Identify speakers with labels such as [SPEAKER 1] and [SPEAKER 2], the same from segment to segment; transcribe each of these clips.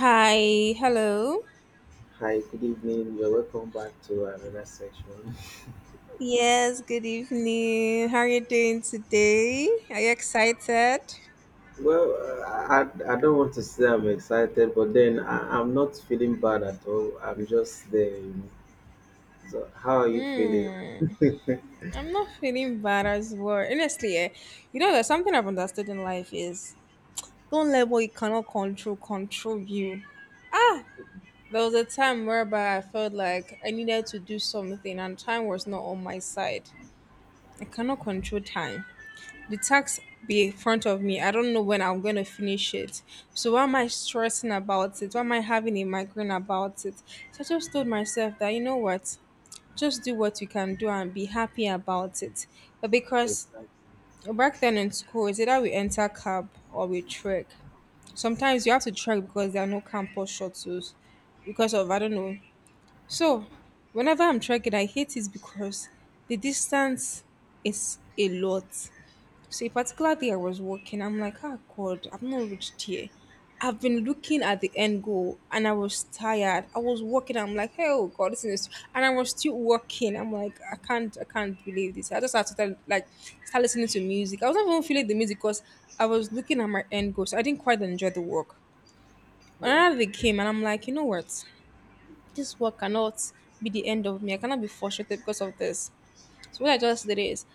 [SPEAKER 1] Hi, hello.
[SPEAKER 2] Hi, good evening. You're welcome back to another section.
[SPEAKER 1] Yes, good evening. How are you doing today? Are you excited?
[SPEAKER 2] I don't want to say I'm excited, but then I'm not feeling bad at all. I'm just there. So, how are you feeling?
[SPEAKER 1] Hmm, I'm not feeling bad as well. Honestly, eh, you know, there's something I've understood in life is don't let what you cannot control control you. Ah, there was a time whereby I felt like I needed to do something and time was not on my side. I cannot control time. The tax be in front of me. I don't know when I'm gonna finish it. So why am I stressing about it? Why am I having a migraine about it? So I just told myself that you know what, just do what you can do and be happy about it. But because
[SPEAKER 2] Exactly.
[SPEAKER 1] back then in school, it's either we enter cab or we trek. Sometimes you have to trek because there are no campus shuttles because of I don't know. So whenever I'm trekking, I hate it because the distance is a lot. So a particular day I was working, I'm like, ah, God, I've not reached here. I've been looking at the end goal and I was tired. I was working. I'm like, hey, oh God, this is, and I was still working. I'm like, I can't believe this. I just had to start, like start listening to music. I was not even feeling the music because I was looking at my end goal. So I didn't quite enjoy the work.
[SPEAKER 2] Well,
[SPEAKER 1] Another day came and I'm like, you know what? This work cannot be the end of me. I cannot be frustrated because of this. So what I just did is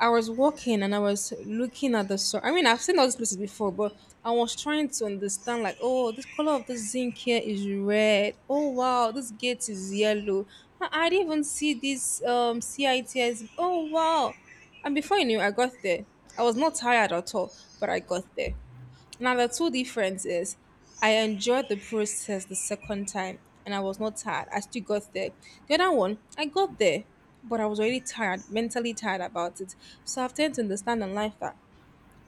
[SPEAKER 1] I was walking and I was looking at the sun. I mean, I've seen all these places before, but I was trying to understand, like, oh, this color of this zinc here is red. Oh wow, this gate is yellow. I didn't even see this CITS. Oh wow. And before you knew, I got there. I was not tired at all, but I got there. Now, the two difference is I enjoyed the process the second time and I was not tired. I still got there. The other one, I got there, but I was already tired, mentally tired about it. So I've tend to understand in life that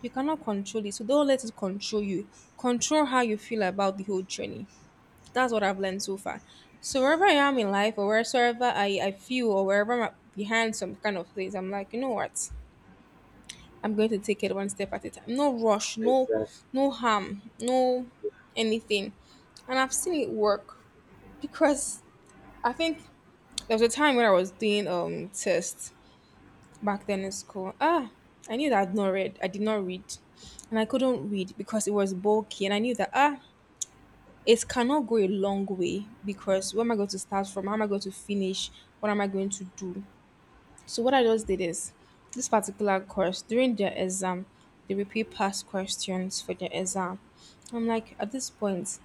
[SPEAKER 1] you cannot control it. So don't let it control you. Control how you feel about the whole journey. That's what I've learned so far. So wherever I am in life or wherever I feel or wherever I'm behind some kind of place, I'm like, you know what? I'm going to take it one step at a time. No rush, no
[SPEAKER 2] exactly.
[SPEAKER 1] no harm, no anything. And I've seen it work because I think there was a time when I was doing tests back then in school. Ah, I knew that I'd not read. I did not read. And I couldn't read because it was bulky and I knew that ah it cannot go a long way because where am I going to start from? How am I going to finish? What am I going to do? So what I just did is this particular course during their exam, they repeat past questions for their exam. I'm like at this point,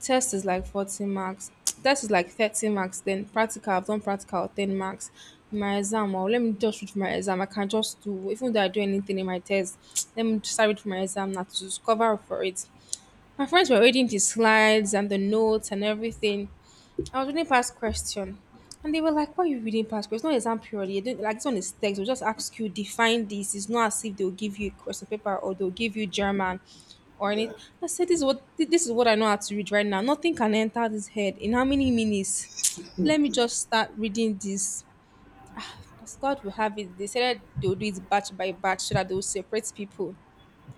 [SPEAKER 1] test is like 40 marks, test is like 30 marks, then practical, I've done practical 10 marks. My exam, well, let me just read for my exam. I can just do even though I do anything in my test, let me just read for my exam now to just cover up for it. My friends were reading the slides and the notes and everything. I was reading past question, and they were like, "Why are you reading past question? It's not exam period. You didn't- Like this one is text. We'll just ask you define this. It's not as if they'll give you a question paper or they'll give you German or anything." I said, "This is what I know how to read right now. Nothing can enter this head in how many minutes? Let me just start reading this." As God will have it, they said that they'll do it batch by batch so that they'll separate people.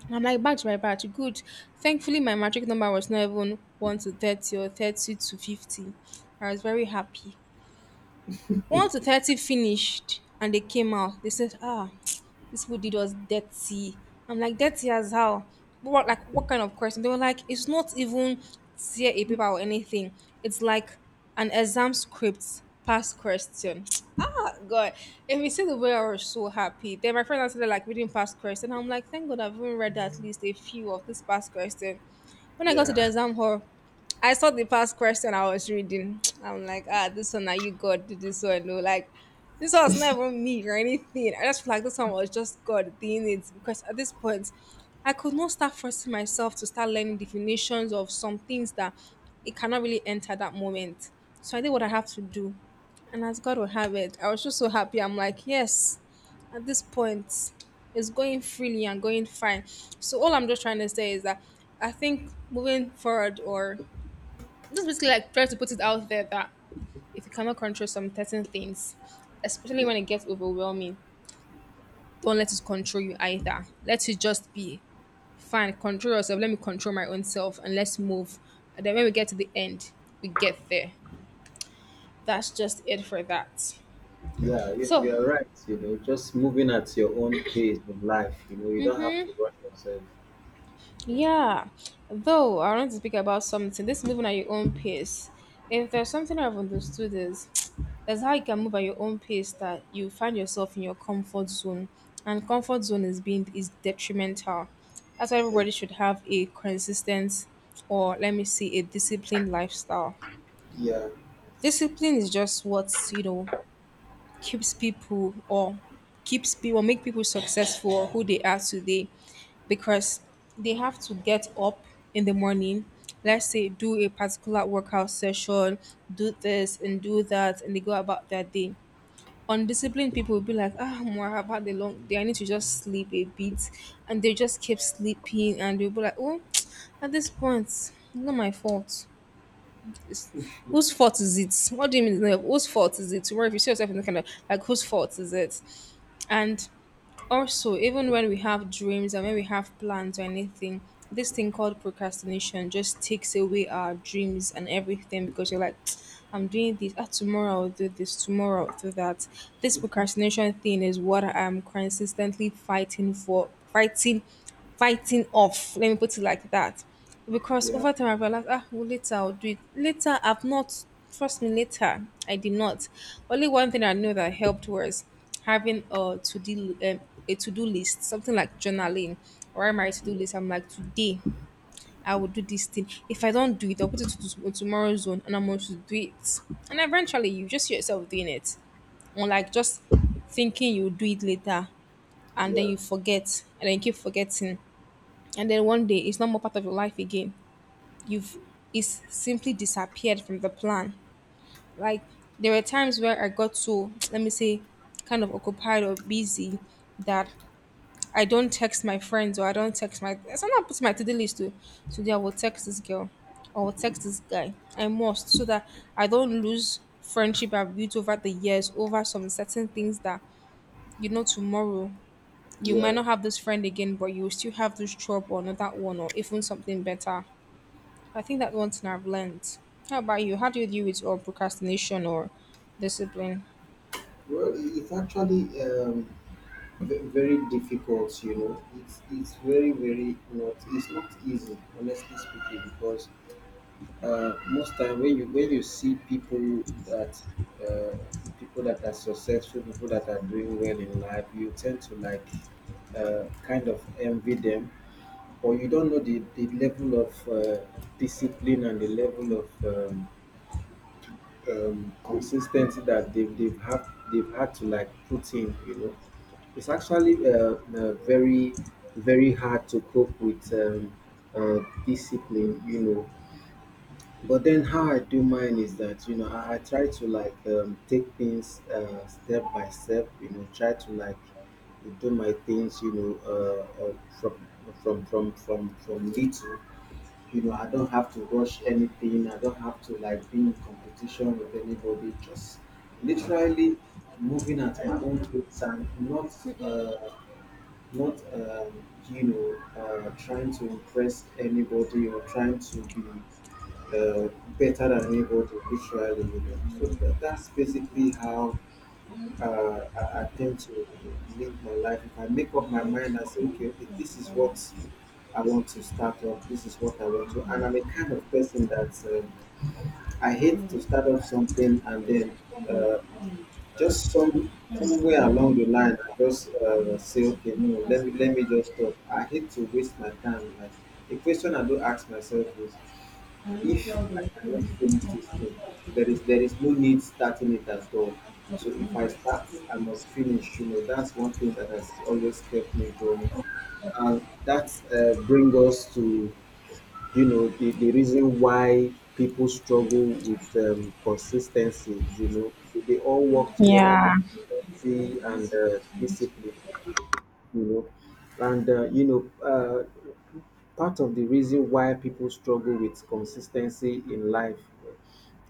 [SPEAKER 1] And I'm like, batch by batch, good. Thankfully, my matric number was not even 1 to 30 or 30 to 50. I was very happy 1 to 30 finished and they came out. They said, "Ah, this people did us dirty." I'm like, "Dirty as how?" What like what kind of question? They were like, "It's not even tear a paper or anything. It's like an exam script past question." God. If you see the way I was so happy, then my friend started like reading past question. I'm like, thank God I've even read at least a few of this past question. When I got to the
[SPEAKER 2] Yeah,
[SPEAKER 1] exam hall, I saw the past question I was reading. I'm like, ah, this one, are you God did this one? No, like, this one was never me or anything. I just feel like this one was just God doing it because at this point, I could not start forcing myself to start learning definitions of some things that it cannot really enter that moment. So I did what I have to do. And as God will have it, I was just so happy. I'm like, yes, at this point, it's going freely and going fine. So all I'm just trying to say is that I think moving forward or just basically like try to put it out there that if you cannot control some certain things, especially
[SPEAKER 2] yeah,
[SPEAKER 1] when it gets overwhelming, don't let it control you either. Let it just be fine. Control yourself. Let me control my own self and let's move. And then when we get to the end, we get there. That's just it for that.
[SPEAKER 2] yeah. You,
[SPEAKER 1] So
[SPEAKER 2] you're right. You know, just moving at your own pace in life. You know, you don't have to rush yourself. Yeah,
[SPEAKER 1] yeah, though I want to speak about something. This moving at your own pace. If there's something I've understood is that's how you can move at your own pace that you find yourself in your comfort zone, and comfort zone is being is detrimental. That's why
[SPEAKER 2] ex-
[SPEAKER 1] everybody should have a consistent or let me see a disciplined lifestyle.
[SPEAKER 2] yeah,
[SPEAKER 1] Discipline is just what you know keeps people or keeps people make people successful or who they are today because they have to get up in the morning, let's say do a particular workout session, do this and do that and they go about their day. Undisciplined people will be like, ah more I've had a long day, I need to just sleep a bit and they just keep sleeping and they'll be like, oh at this point not my fault. It's whose fault is it? What do you mean? It's whose fault is it? Where if you see yourself in the kind of like whose fault is it? And also, even when we have dreams and when we have plans or anything, this thing called procrastination just takes away our dreams and everything because you're like, I'm doing this. Ah, tomorrow I'll do this. Tomorrow I'll do that. This procrastination thing is what I'm consistently fighting for, fighting, fighting off. Let me put it like that because
[SPEAKER 2] yeah,
[SPEAKER 1] over time I realized, ah, well, later I'll do it. Later, I've not, trust me, later, I did not. Only one thing I know that helped was having a to do list, something like journaling or my to do
[SPEAKER 2] yeah,
[SPEAKER 1] list. I'm like, today I will do this thing. If I don't do it, I'll put it to on tomorrow's zone and I'm going to do it. And eventually, you just see yourself doing it. Or like just thinking you'll do it later and then
[SPEAKER 2] yeah.
[SPEAKER 1] you forget and then you keep forgetting. And then one day it's not more part of your life again. You've is simply disappeared from the plan. Like there were times where I got so let me say kind of occupied or busy that I don't text my friends or I don't text my, sometimes I put my to-do list to today I will text this girl or I will text this guy. I must, so that I don't lose friendship I've built over the years over some certain things that you know tomorrow you
[SPEAKER 2] Yeah.
[SPEAKER 1] might not have this friend again but you will still have this trouble or another one or even something better. I think that one thing I've learned. How about you? How do you deal with or procrastination or discipline?
[SPEAKER 2] Well, it's actually very difficult, you know, it's very very not easy, honestly speaking, because most time when you see uh people that are successful, people that are doing well in life, you tend to like kind of envy them, but you don't know the level of discipline and the level of consistency that they've had to like put in. You know, it's actually very very hard to cope with uh, discipline. You know, but then how I do mine is that, you know, I try to like take things step by step. You know, try to like do my things. You know, from little. You know, I don't have to rush anything, I don't have to like be in competition with anybody, just literally moving at my own pace and not uh, not you know, trying to impress anybody or trying to be uh, better than anybody literally, you know. So that's basically how I tend to live my life. If I make up my mind, I say, okay, this is what I want to start up, this is what I want to, and I'm a kind of person that, I hate to start up something and then uh, just somewhere along the line, I just say, okay, no, let me just stop. I hate to waste my time. Like, the question I do ask myself is, if I cannot finish this thing, there is no need starting it at all. So if I start, I must finish. You know, that's one thing that has always kept me going, and that bring us to, you know, the reason why people struggle with consistency. You know, they all work together,
[SPEAKER 1] Yeah,
[SPEAKER 2] consistency and discipline. You know, and you know, part of the reason why people struggle with consistency in life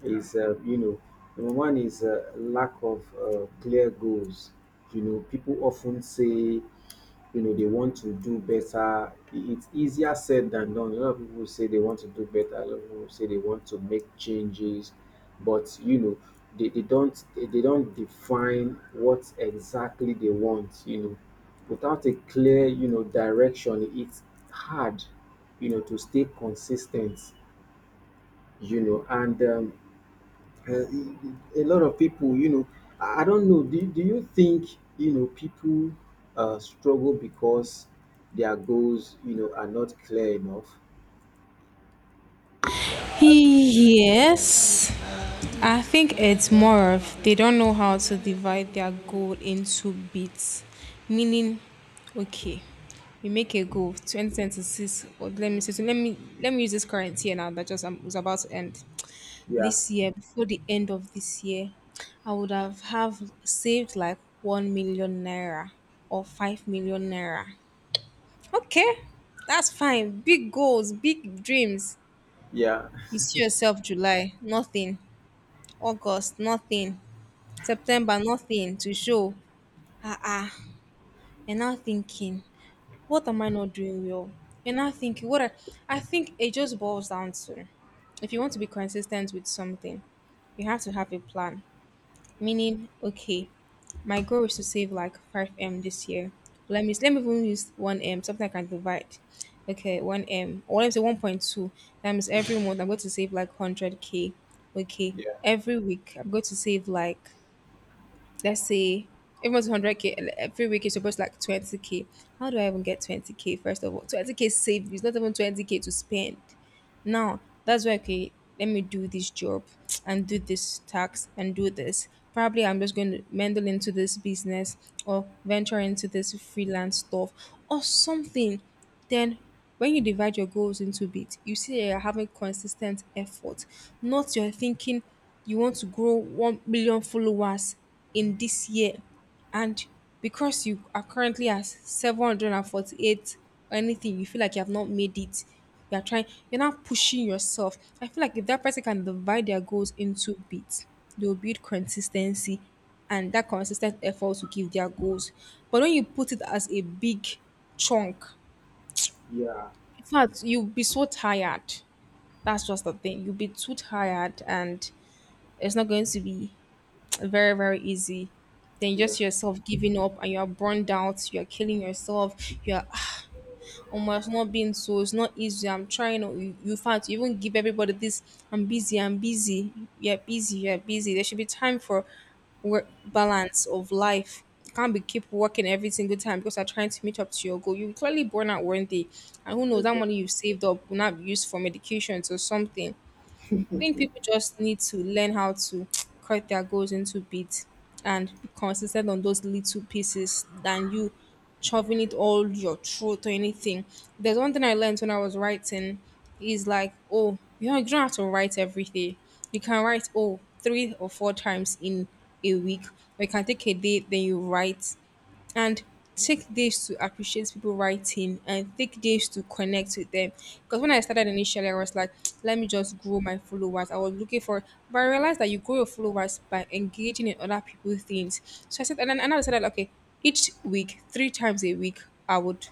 [SPEAKER 2] is, you know, number one is lack of clear goals. You know, people often say, you know, they want to do better I- it's easier said than done. A lot of people say they want to do better, a lot of people say they want to make changes, but you know, they don't define what exactly they want. You know, without a clear, you know, direction, it's hard, you know, to stay consistent. You know, and a lot of people, you know, I don't know, do you think, you know, people struggle because their goals, you know, are not clear enough? yeah
[SPEAKER 1] yes, I think it's more of they don't know how to divide their goal into bits. Meaning, okay, you make a goal 2026, or let me say, so let me use this current year now that just was about to end.
[SPEAKER 2] yeah
[SPEAKER 1] This year, before the end of this year, I would have saved like 1 million naira or 5 million naira. Okay, that's fine. Big goals, big dreams.
[SPEAKER 2] yeah
[SPEAKER 1] You see yourself July, nothing. August, nothing. September, nothing to show. Ah ah. You're now thinking, what am I not doing well? You're now thinking, I think it just boils down to if you want to be consistent with something, you have to have a plan. Meaning, okay, my goal is to save like 5M this year. Let me even use 1M, something I can divide. Okay, 1M. Or let me say 1.2. That means every month I'm going to save like 100K. Okay,
[SPEAKER 2] yeah
[SPEAKER 1] every week I'm going to save like, let's say, every month 100K, and every week is supposed like 20K. How do I even get 20K, first of all? 20K saved is not even 20K to spend. Now, that's why, okay, let me do this job and do this tax and do this. Probably I'm just going to meddle into this business or venture into this freelance stuff or something. Then, when you divide your goals into bits, you see that you're having consistent effort, not you're thinking you want to grow 1 million followers in this year, and because you are currently at 748 or anything, you feel like you have not made it. You're trying, you're not pushing yourself. I feel like if that person can divide their goals into bits, they will build consistency and that consistent effort to give their goals. But when you put it as a big chunk,
[SPEAKER 2] yeah
[SPEAKER 1] in fact, you'll be so tired. That's just the thing. You'll be too tired and it's not going to be very very easy, then
[SPEAKER 2] yeah,
[SPEAKER 1] just yourself giving up and you are burned out, you are killing yourself, you are, "Ah, almost not being, so it's not easy, I'm trying, oh." You find you even give everybody this, "I'm busy, I'm busy, you're busy, you're busy." There should be time for work balance of life. You can't be keep working every single time because you're trying to meet up to your goal. You clearly burn out one day, and who knows, that money
[SPEAKER 2] exactly.
[SPEAKER 1] you've saved up will not be used for medications or something. I think people just need to learn how to cut their goals into bits and be consistent on those little pieces than you shoving it all your throat or anything. There's one thing I learned when I was writing is like, oh, you don't have to write every day. You can write, oh, three or four times in a week. Or you can take a day, then you write and take days to appreciate people writing and take days to connect with them. Because when I started initially, I was like, let me just grow my followers. I was looking for, but I realized that you grow your followers by engaging in other people's things. So I said, and then and I decided, okay, each week, three times a week, I would.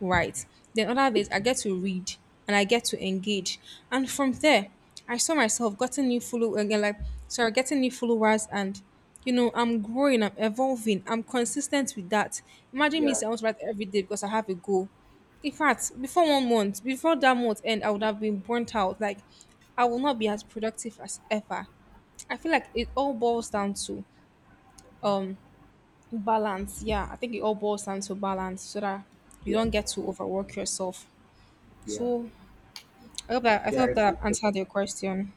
[SPEAKER 1] Right. Then other days I get to read and I get to engage. And from there, I saw myself getting new follow again, like sorry, getting new followers, and I'm growing, I'm evolving, I'm consistent with that. Imagine me
[SPEAKER 2] yeah
[SPEAKER 1] saying I want to write every day because I have a goal. In fact, before 1 month, before that month end, I would have been burnt out. Like I will not be as productive as ever. I feel like it all boils down to um balance, yeah. I think it all boils down to balance so that you
[SPEAKER 2] yeah
[SPEAKER 1] don't get to overwork yourself.
[SPEAKER 2] yeah
[SPEAKER 1] So I hope that I
[SPEAKER 2] Yeah,
[SPEAKER 1] hope that I've
[SPEAKER 2] exactly.
[SPEAKER 1] answered your question.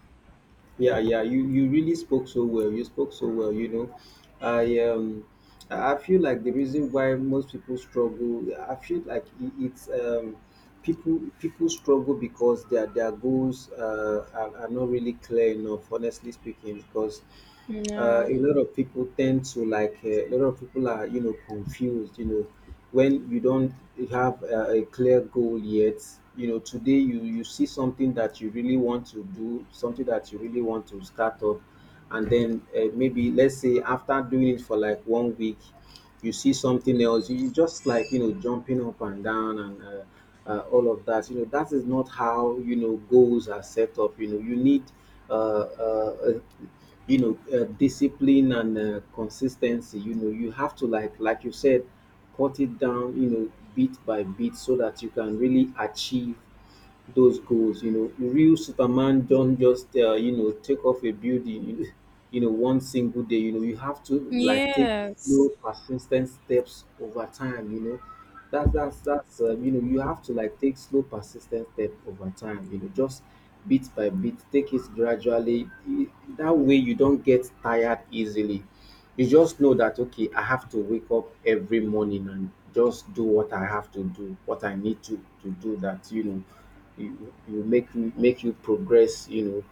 [SPEAKER 2] Yeah, yeah. You really spoke so well. You spoke so well. You know, I um I I feel like the reason why most people struggle, I feel like it's people people struggle because their goals are not really clear enough, honestly speaking, because
[SPEAKER 1] Yeah.
[SPEAKER 2] a lot of people tend to like a lot of people are, you know, confused. You know, when you don't have a clear goal yet, you know, today you you see something that you really want to do, something that you really want to start up, and then maybe let's say after doing it for like 1 week, you see something else. You just like, you know, jumping up and down and all of that. You know that is not how, you know, goals are set up. You know, you need uh, uh, uh, you know, discipline and consistency. You know, you have to like you said, cut it down. You know, bit by bit, so that you can really achieve those goals. You know, real Superman don't just, you know, take off a building, you know, you know, one single day. You know, you have to like take
[SPEAKER 1] Yes.
[SPEAKER 2] slow, persistent steps over time. You know, that's you know, you have to like take slow, persistent step over time. You know, just bit by bit, take it gradually. That way, you don't get tired easily. You just know that, okay, I have to wake up every morning and just do what I have to do, what I need to do that. You know, you make you make you progress, you know,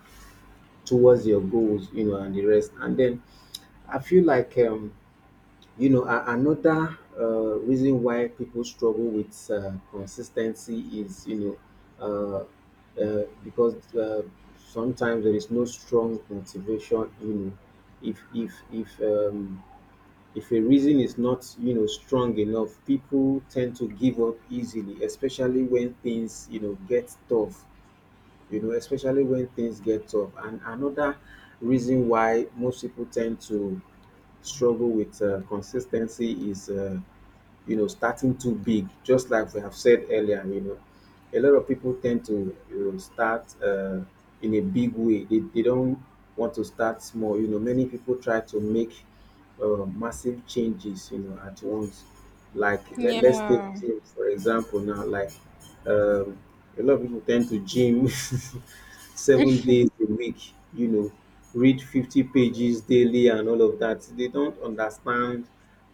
[SPEAKER 2] towards your goals, you know, and the rest. And then I feel like, you know, another reason why people struggle with consistency is, you know, because sometimes there is no strong motivation. You know, if if if um if a reason is not, you know, strong enough, people tend to give up easily, especially when things, you know, get tough. You know, especially when things get tough. And another reason why most people tend to struggle with consistency is, you know, starting too big, just like we have said earlier, you know. A lot of people tend to, you know, start in a big way. They don't want to start small. You know, many people try to make massive changes, you know, at once. Like, let's take
[SPEAKER 1] Yeah.
[SPEAKER 2] gym for example now. Like um, a lot of people tend to gym 7 days a week. You know, read 50 pages daily and all of that. They don't understand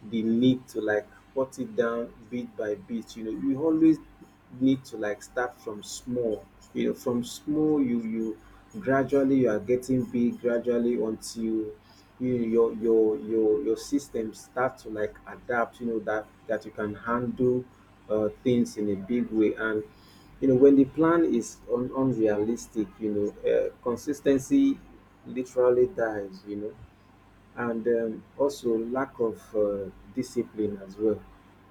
[SPEAKER 2] the need to like cut it down bit by bit. You know, you always need to like start from small. You know, from small you you gradually, you are getting big gradually, until your system start to like adapt, you know, that you can handle things in a big way. And you know, when the plan is unrealistic, you know, consistency literally dies, you know. And also lack of discipline as well.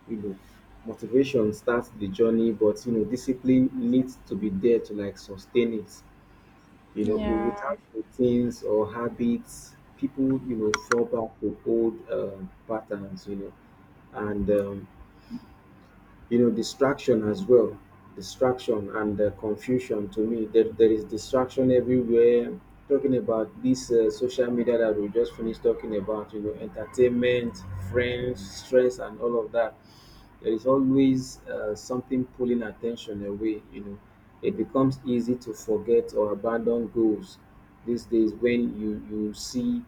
[SPEAKER 2] You know, motivation starts the journey, but you know, discipline needs to be there to like sustain it. You know,
[SPEAKER 1] Yeah.
[SPEAKER 2] without routines or habits, people, you know, fall back to old patterns. You know, and you know, distraction as well. Distraction and confusion. To me, there is distraction everywhere. Talking about this social media that we just finished talking about, you know, entertainment, friends, stress, and all of that, there is always something pulling attention away. You know, it becomes easy to forget or abandon goals these days, when you see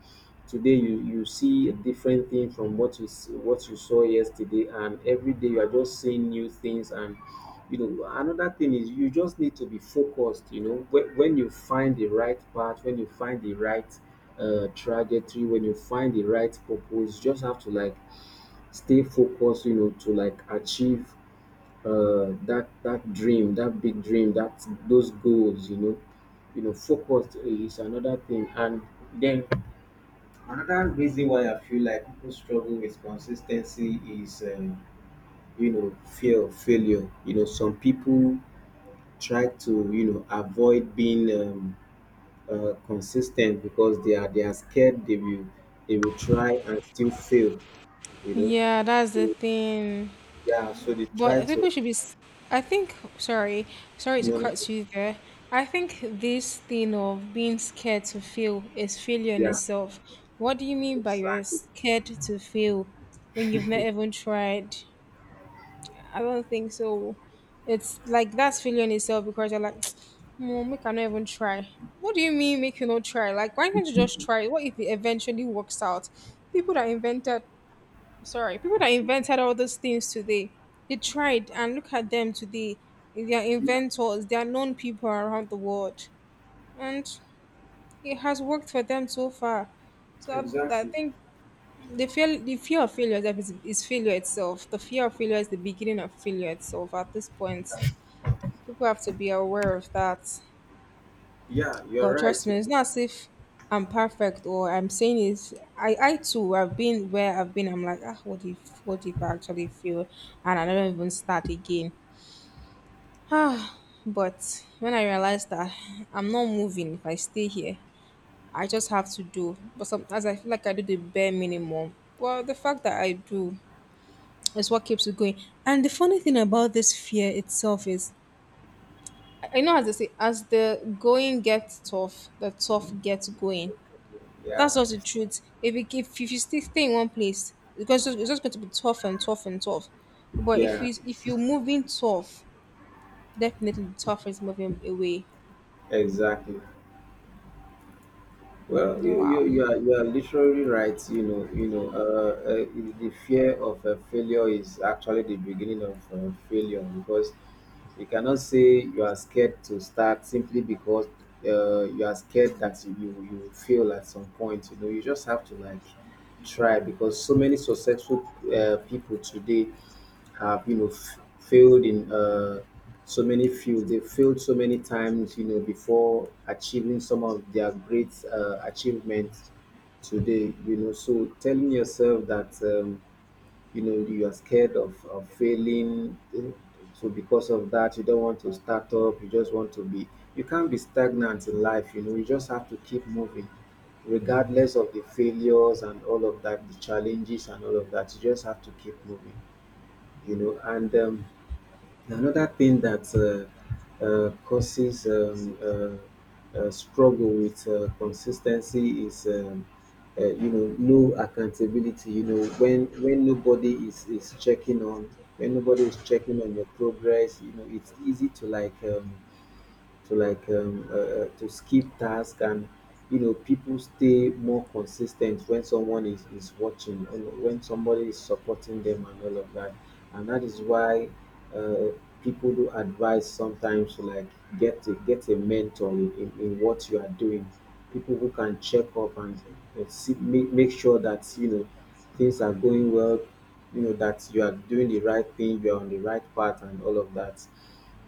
[SPEAKER 2] today you see a different thing from what you what you saw yesterday, and every day you are just seeing new things. And you know, another thing is you just need to be focused. You know, when you find the right path, when you find the right trajectory, when you find the right purpose, you just have to like stay focused, you know, to like achieve that dream, that big dream, that those goals. You know, you know, focused is another thing. And then another reason why I feel like people struggle with consistency is, you know, fear of failure. You know, some people try to, you know, avoid being consistent because they are scared they will try and still fail. You know,
[SPEAKER 1] Yeah, that's the
[SPEAKER 2] so
[SPEAKER 1] thing.
[SPEAKER 2] yeah, so they try
[SPEAKER 1] But people
[SPEAKER 2] to,
[SPEAKER 1] should be. I think. Sorry, sorry
[SPEAKER 2] you
[SPEAKER 1] to
[SPEAKER 2] know,
[SPEAKER 1] cut you there. I think this thing of being scared to fail is failure in
[SPEAKER 2] yeah,
[SPEAKER 1] itself. What do you mean by you're
[SPEAKER 2] exactly,
[SPEAKER 1] scared to fail when you've not even tried? I don't think so. It's like that's feeling itself because you're like, Mom, make I not even try. What do you mean make you not try? Like, why can't you just try? What if it eventually works out? People that invented, sorry, people that invented all those things today, they tried and look at them today. They are inventors, they are known people around the world. And it has worked for them so far. So I
[SPEAKER 2] exactly.
[SPEAKER 1] think the fear of failure is failure itself. The fear of failure is the beginning of failure itself at this point. People have to be aware of that.
[SPEAKER 2] Yeah, you're
[SPEAKER 1] But trust
[SPEAKER 2] right.
[SPEAKER 1] me,
[SPEAKER 2] you
[SPEAKER 1] it's
[SPEAKER 2] know.
[SPEAKER 1] not as if I'm perfect or I'm saying is I too have been where I've been. I'm like ah, what if I actually feel and I don't even start again. Ah, but when I realized that I'm not moving if I stay here, I just have to do. But sometimes I feel like I do the bare minimum. Well, the fact that I do is what keeps it going. And the funny thing about this fear itself is I know, as they say, as the going gets tough, the tough gets going. That's
[SPEAKER 2] Yeah,
[SPEAKER 1] just the truth. If you if you stay in one place, because it's just going to be tough and tough and tough. But if
[SPEAKER 2] yeah,
[SPEAKER 1] you if you're moving tough, definitely the tough is moving away.
[SPEAKER 2] exactly. Well,
[SPEAKER 1] Wow.
[SPEAKER 2] you are literally right. You know, the fear of failure is actually the beginning of failure, because you cannot say you are scared to start simply because you are scared that you will fail at some point. You know, you just have to like try, because so many successful people today have, you know, failed in so many fields. They failed so many times, you know, before achieving some of their great achievements today. You know, so telling yourself that. You know you are scared of failing, so because of that you don't want to start up, you just want to be. You can't be stagnant in life, you know. You just have to keep moving regardless of the failures and all of that, the challenges and all of that. You just have to keep moving, you know. And another thing that causes struggle with consistency is, you know, no accountability. You know, when nobody is checking on, when nobody is checking on your progress, you know, it's easy to like to skip task. And you know, people stay more consistent when someone is watching, you know, when somebody is supporting them and all of that. And that is why uh, people do advise sometimes to like get a mentor in what you are doing, people who can check up and see, make sure that you know things are going well, you know, that you are doing the right thing, you're on the right path and all of that.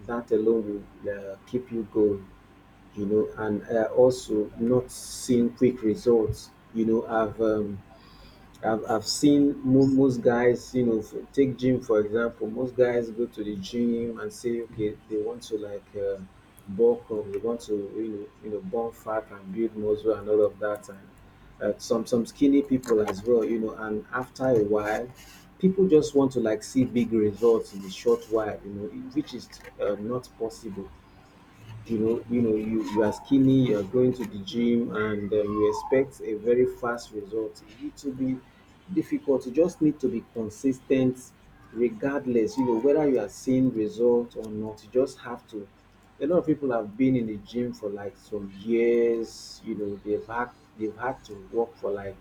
[SPEAKER 2] That alone will keep you going, you know. And also not seeing quick results. You know, I've seen most guys, you know, for, take gym for example. Most guys go to the gym and say, okay, they want to like bulk up, they want to, you know, burn fat and build muscle and all of that, and some skinny people as well, you know. And after a while, people just want to like see big results in a short while, you know, which is not possible. You know, you know, you are skinny, you are going to the gym and you expect a very fast result, it will be difficult. You just need to be consistent regardless, you know, whether you are seeing results or not. You just have to. A lot of people have been in the gym for like some years, you know, they've had to work for like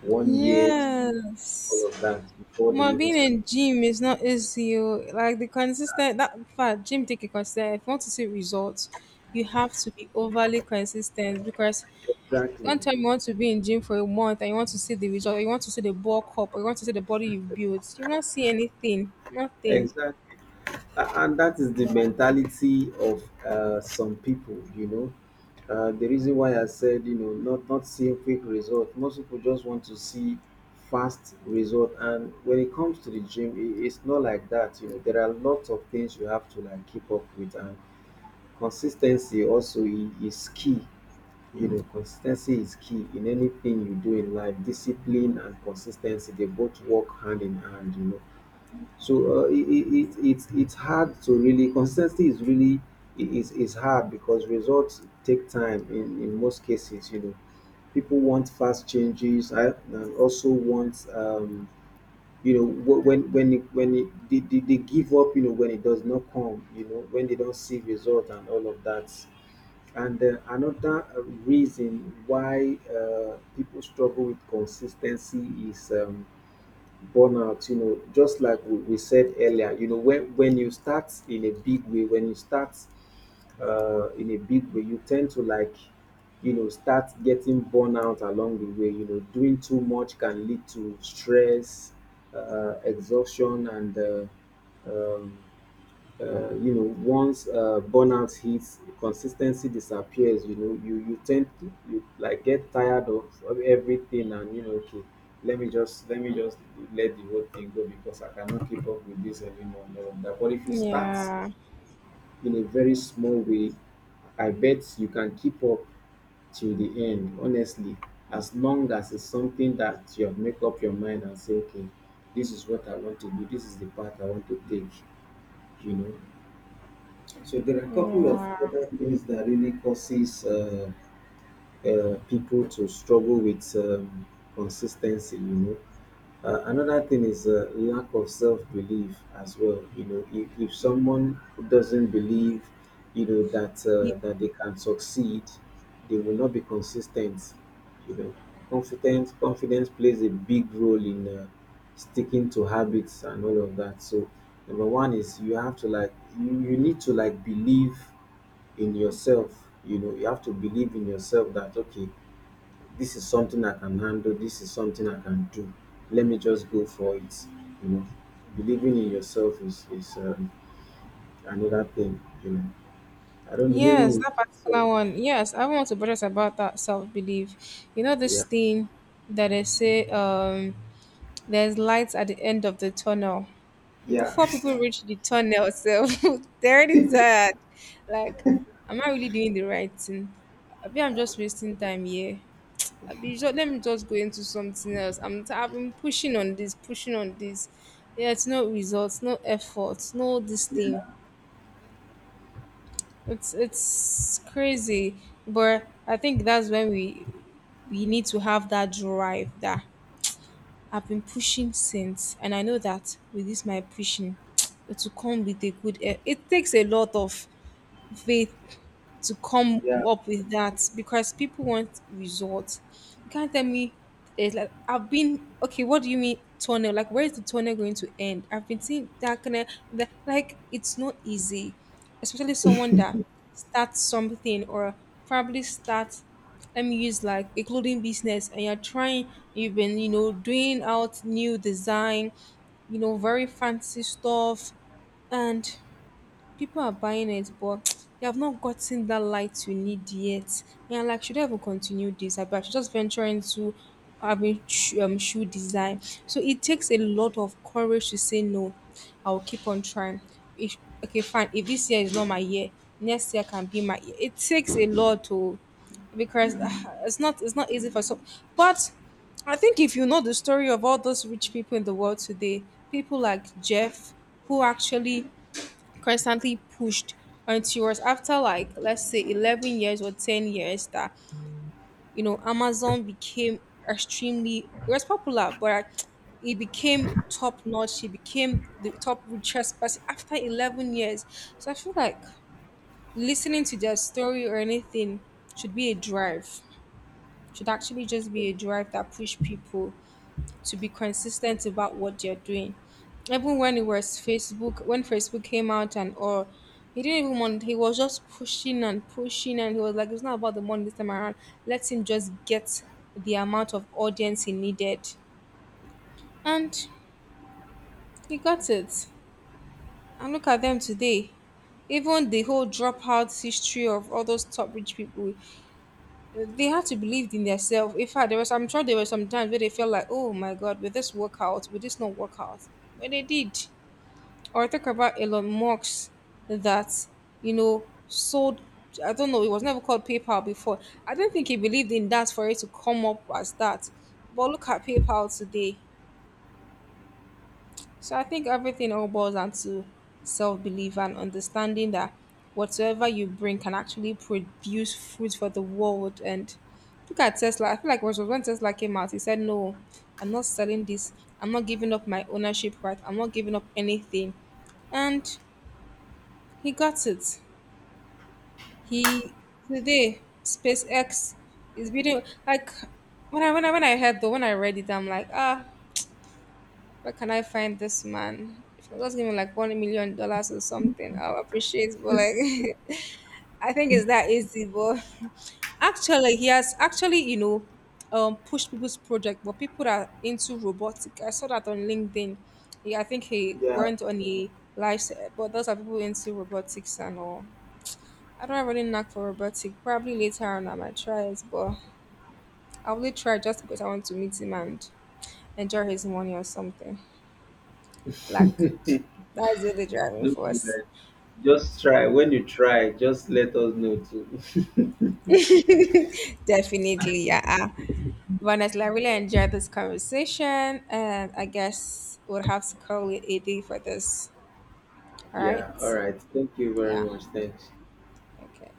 [SPEAKER 2] one year,
[SPEAKER 1] Yes.
[SPEAKER 2] all of that before they
[SPEAKER 1] Well,
[SPEAKER 2] even
[SPEAKER 1] being
[SPEAKER 2] start.
[SPEAKER 1] in gym is not easy, oh. Like the consistent that in fact gym take a consistent. If you want to see results, you have to be overly consistent because
[SPEAKER 2] Exactly.
[SPEAKER 1] one time you want to be in gym for a month and you want to see the result, or you want to see the bulk up, or you want to see the body you've built, you won't see anything. Nothing.
[SPEAKER 2] Exactly. And that is the mentality of some people, you know. Uh, the reason why I said, you know, not seeing quick result, most people just want to see fast result. And when it comes to the gym, I it's not like that, you know. There are lots of things you have to like keep up with, and consistency also is key. You know, consistency is key in anything you do in life. Discipline and consistency, they both work hand in hand, you know. So it's hard to really, consistency is really, it is hard because results take time in most cases, you know. People want fast changes. And also want, you know, wh- when it, they give up, you know, when it does not come, you know, when they don't see result and all of that. And another reason why people struggle with consistency is burnout. You know, just like we said earlier, you know, when you start in a big way, when you start in a big way, you tend to like, you know, start getting burnout along the way. You know, doing too much can lead to stress, exhaustion and um, you know, once burnout hits, consistency disappears. You know, you tend to, you like get tired of everything. And you know, okay, let me just let me just let the whole thing go because I cannot keep up with this anymore and all of that. But if you start
[SPEAKER 1] Yeah.
[SPEAKER 2] in a very small way, I bet you can keep up till the end, honestly, as long as it's something that you have make up your mind and say, okay, this is what I want to do, this is the path I want to take, you know. So there are a couple of
[SPEAKER 1] Yeah.
[SPEAKER 2] other things that really causes people to struggle with consistency. You know, another thing is lack of self-belief as well. You know, if someone doesn't believe, you know, that
[SPEAKER 1] Ye-
[SPEAKER 2] that they can succeed, they will not be consistent. You know, confidence plays a big role in sticking to habits and all of that. So number one is you have to like you need to like believe in yourself. You know, you have to believe in yourself that okay, this is something I can handle, this is something I can do. Let me just go for it. You know, believing in yourself is another thing. You know, I don't know. Maybe
[SPEAKER 1] Yes,
[SPEAKER 2] we
[SPEAKER 1] that particular
[SPEAKER 2] so
[SPEAKER 1] one. Yes, I want to buttress about that self belief. You know this
[SPEAKER 2] yeah.
[SPEAKER 1] thing that they say there's lights at the end of the tunnel.
[SPEAKER 2] Yeah,
[SPEAKER 1] Before people reach the tunnel, so they're already tired. Like, am I really doing the right thing? Maybe I'm just wasting time here. Abi, let me just go into something else. I've been pushing on this, pushing on this. Yeah, it's no results, no effort, no this thing. It's crazy, but I think that's when we need to have that drive that I've been pushing since, and I know that with this my pushing, it will come with a good. It takes a lot of faith to come
[SPEAKER 2] yeah,
[SPEAKER 1] up with that because people want results. You can't tell me it's like I've been okay. What do you mean tunnel? Like where is the tunnel going to end? I've been seeing that kind of that, like it's not easy, especially someone that starts something or probably starts. Let me use like a clothing business, and you're trying. You've been doing out new design, very fancy stuff, and people are buying it, but you have not gotten that light you need yet. And I'm like, should I even continue this? I should just venture into having shoe design. So it takes a lot of courage to say no. I'll keep on trying. If, okay, fine. If this year is not my year, next year can be my year. It takes a lot to because ah, it's not easy for some. But I think if you know the story of all those rich people in the world today, people like Jeff, who actually constantly pushed until it was after like let's say 11 years or 10 years that Amazon became extremely, it was popular, but like, it became top notch, it became the top richest person after 11 years. So I feel like listening to their story or anything should be a drive, should actually just be a drive that push people to be consistent about what they're doing. Even when it was Facebook, when Facebook came out and all, he didn't even want, he was just pushing and pushing and he was like, it's not about the money this time around. Let him just get the amount of audience he needed. And he got it. And look at them today. Even the whole dropout history of all those top rich people, they had to believe in themselves. In fact, there was, I'm sure there were some times where they felt like, oh my god, will this work out? Will this not work out? But they did. Or talk about Elon Musk that, sold, I don't know, it was never called PayPal before. I don't think he believed in that for it to come up as that. But look at PayPal today. So I think everything all boils down to self belief and understanding that whatsoever you bring can actually produce fruit for the world. And look at Tesla. I feel like it was when Tesla came out, he said, "No, I'm not selling this. I'm not giving up my ownership right. I'm not giving up anything." And he got it. He today SpaceX is building like when I heard, though when I read it, I'm like ah, where can I find this man? If you just give me like $1 million or something, I'll appreciate. But like I think it's that easy. But actually he has actually pushed people's project. But people that are into robotic I saw that on LinkedIn. Yeah, I think he
[SPEAKER 2] yeah.
[SPEAKER 1] went on a live set, but those are people into robotics and all. I don't have any knack for robotic. Probably later on I might try it, but I only try just because I want to meet him and enjoy his money or something. Flack. That's really the only driving
[SPEAKER 2] Look,
[SPEAKER 1] force.
[SPEAKER 2] problem. Just try. When you try, just let us know too.
[SPEAKER 1] Definitely, yeah. But honestly, I really enjoyed this conversation, and I guess we'll have to call it a day for this. All right?
[SPEAKER 2] Yeah. All right. Thank you
[SPEAKER 1] Yeah.
[SPEAKER 2] very much. Thanks.
[SPEAKER 1] Okay.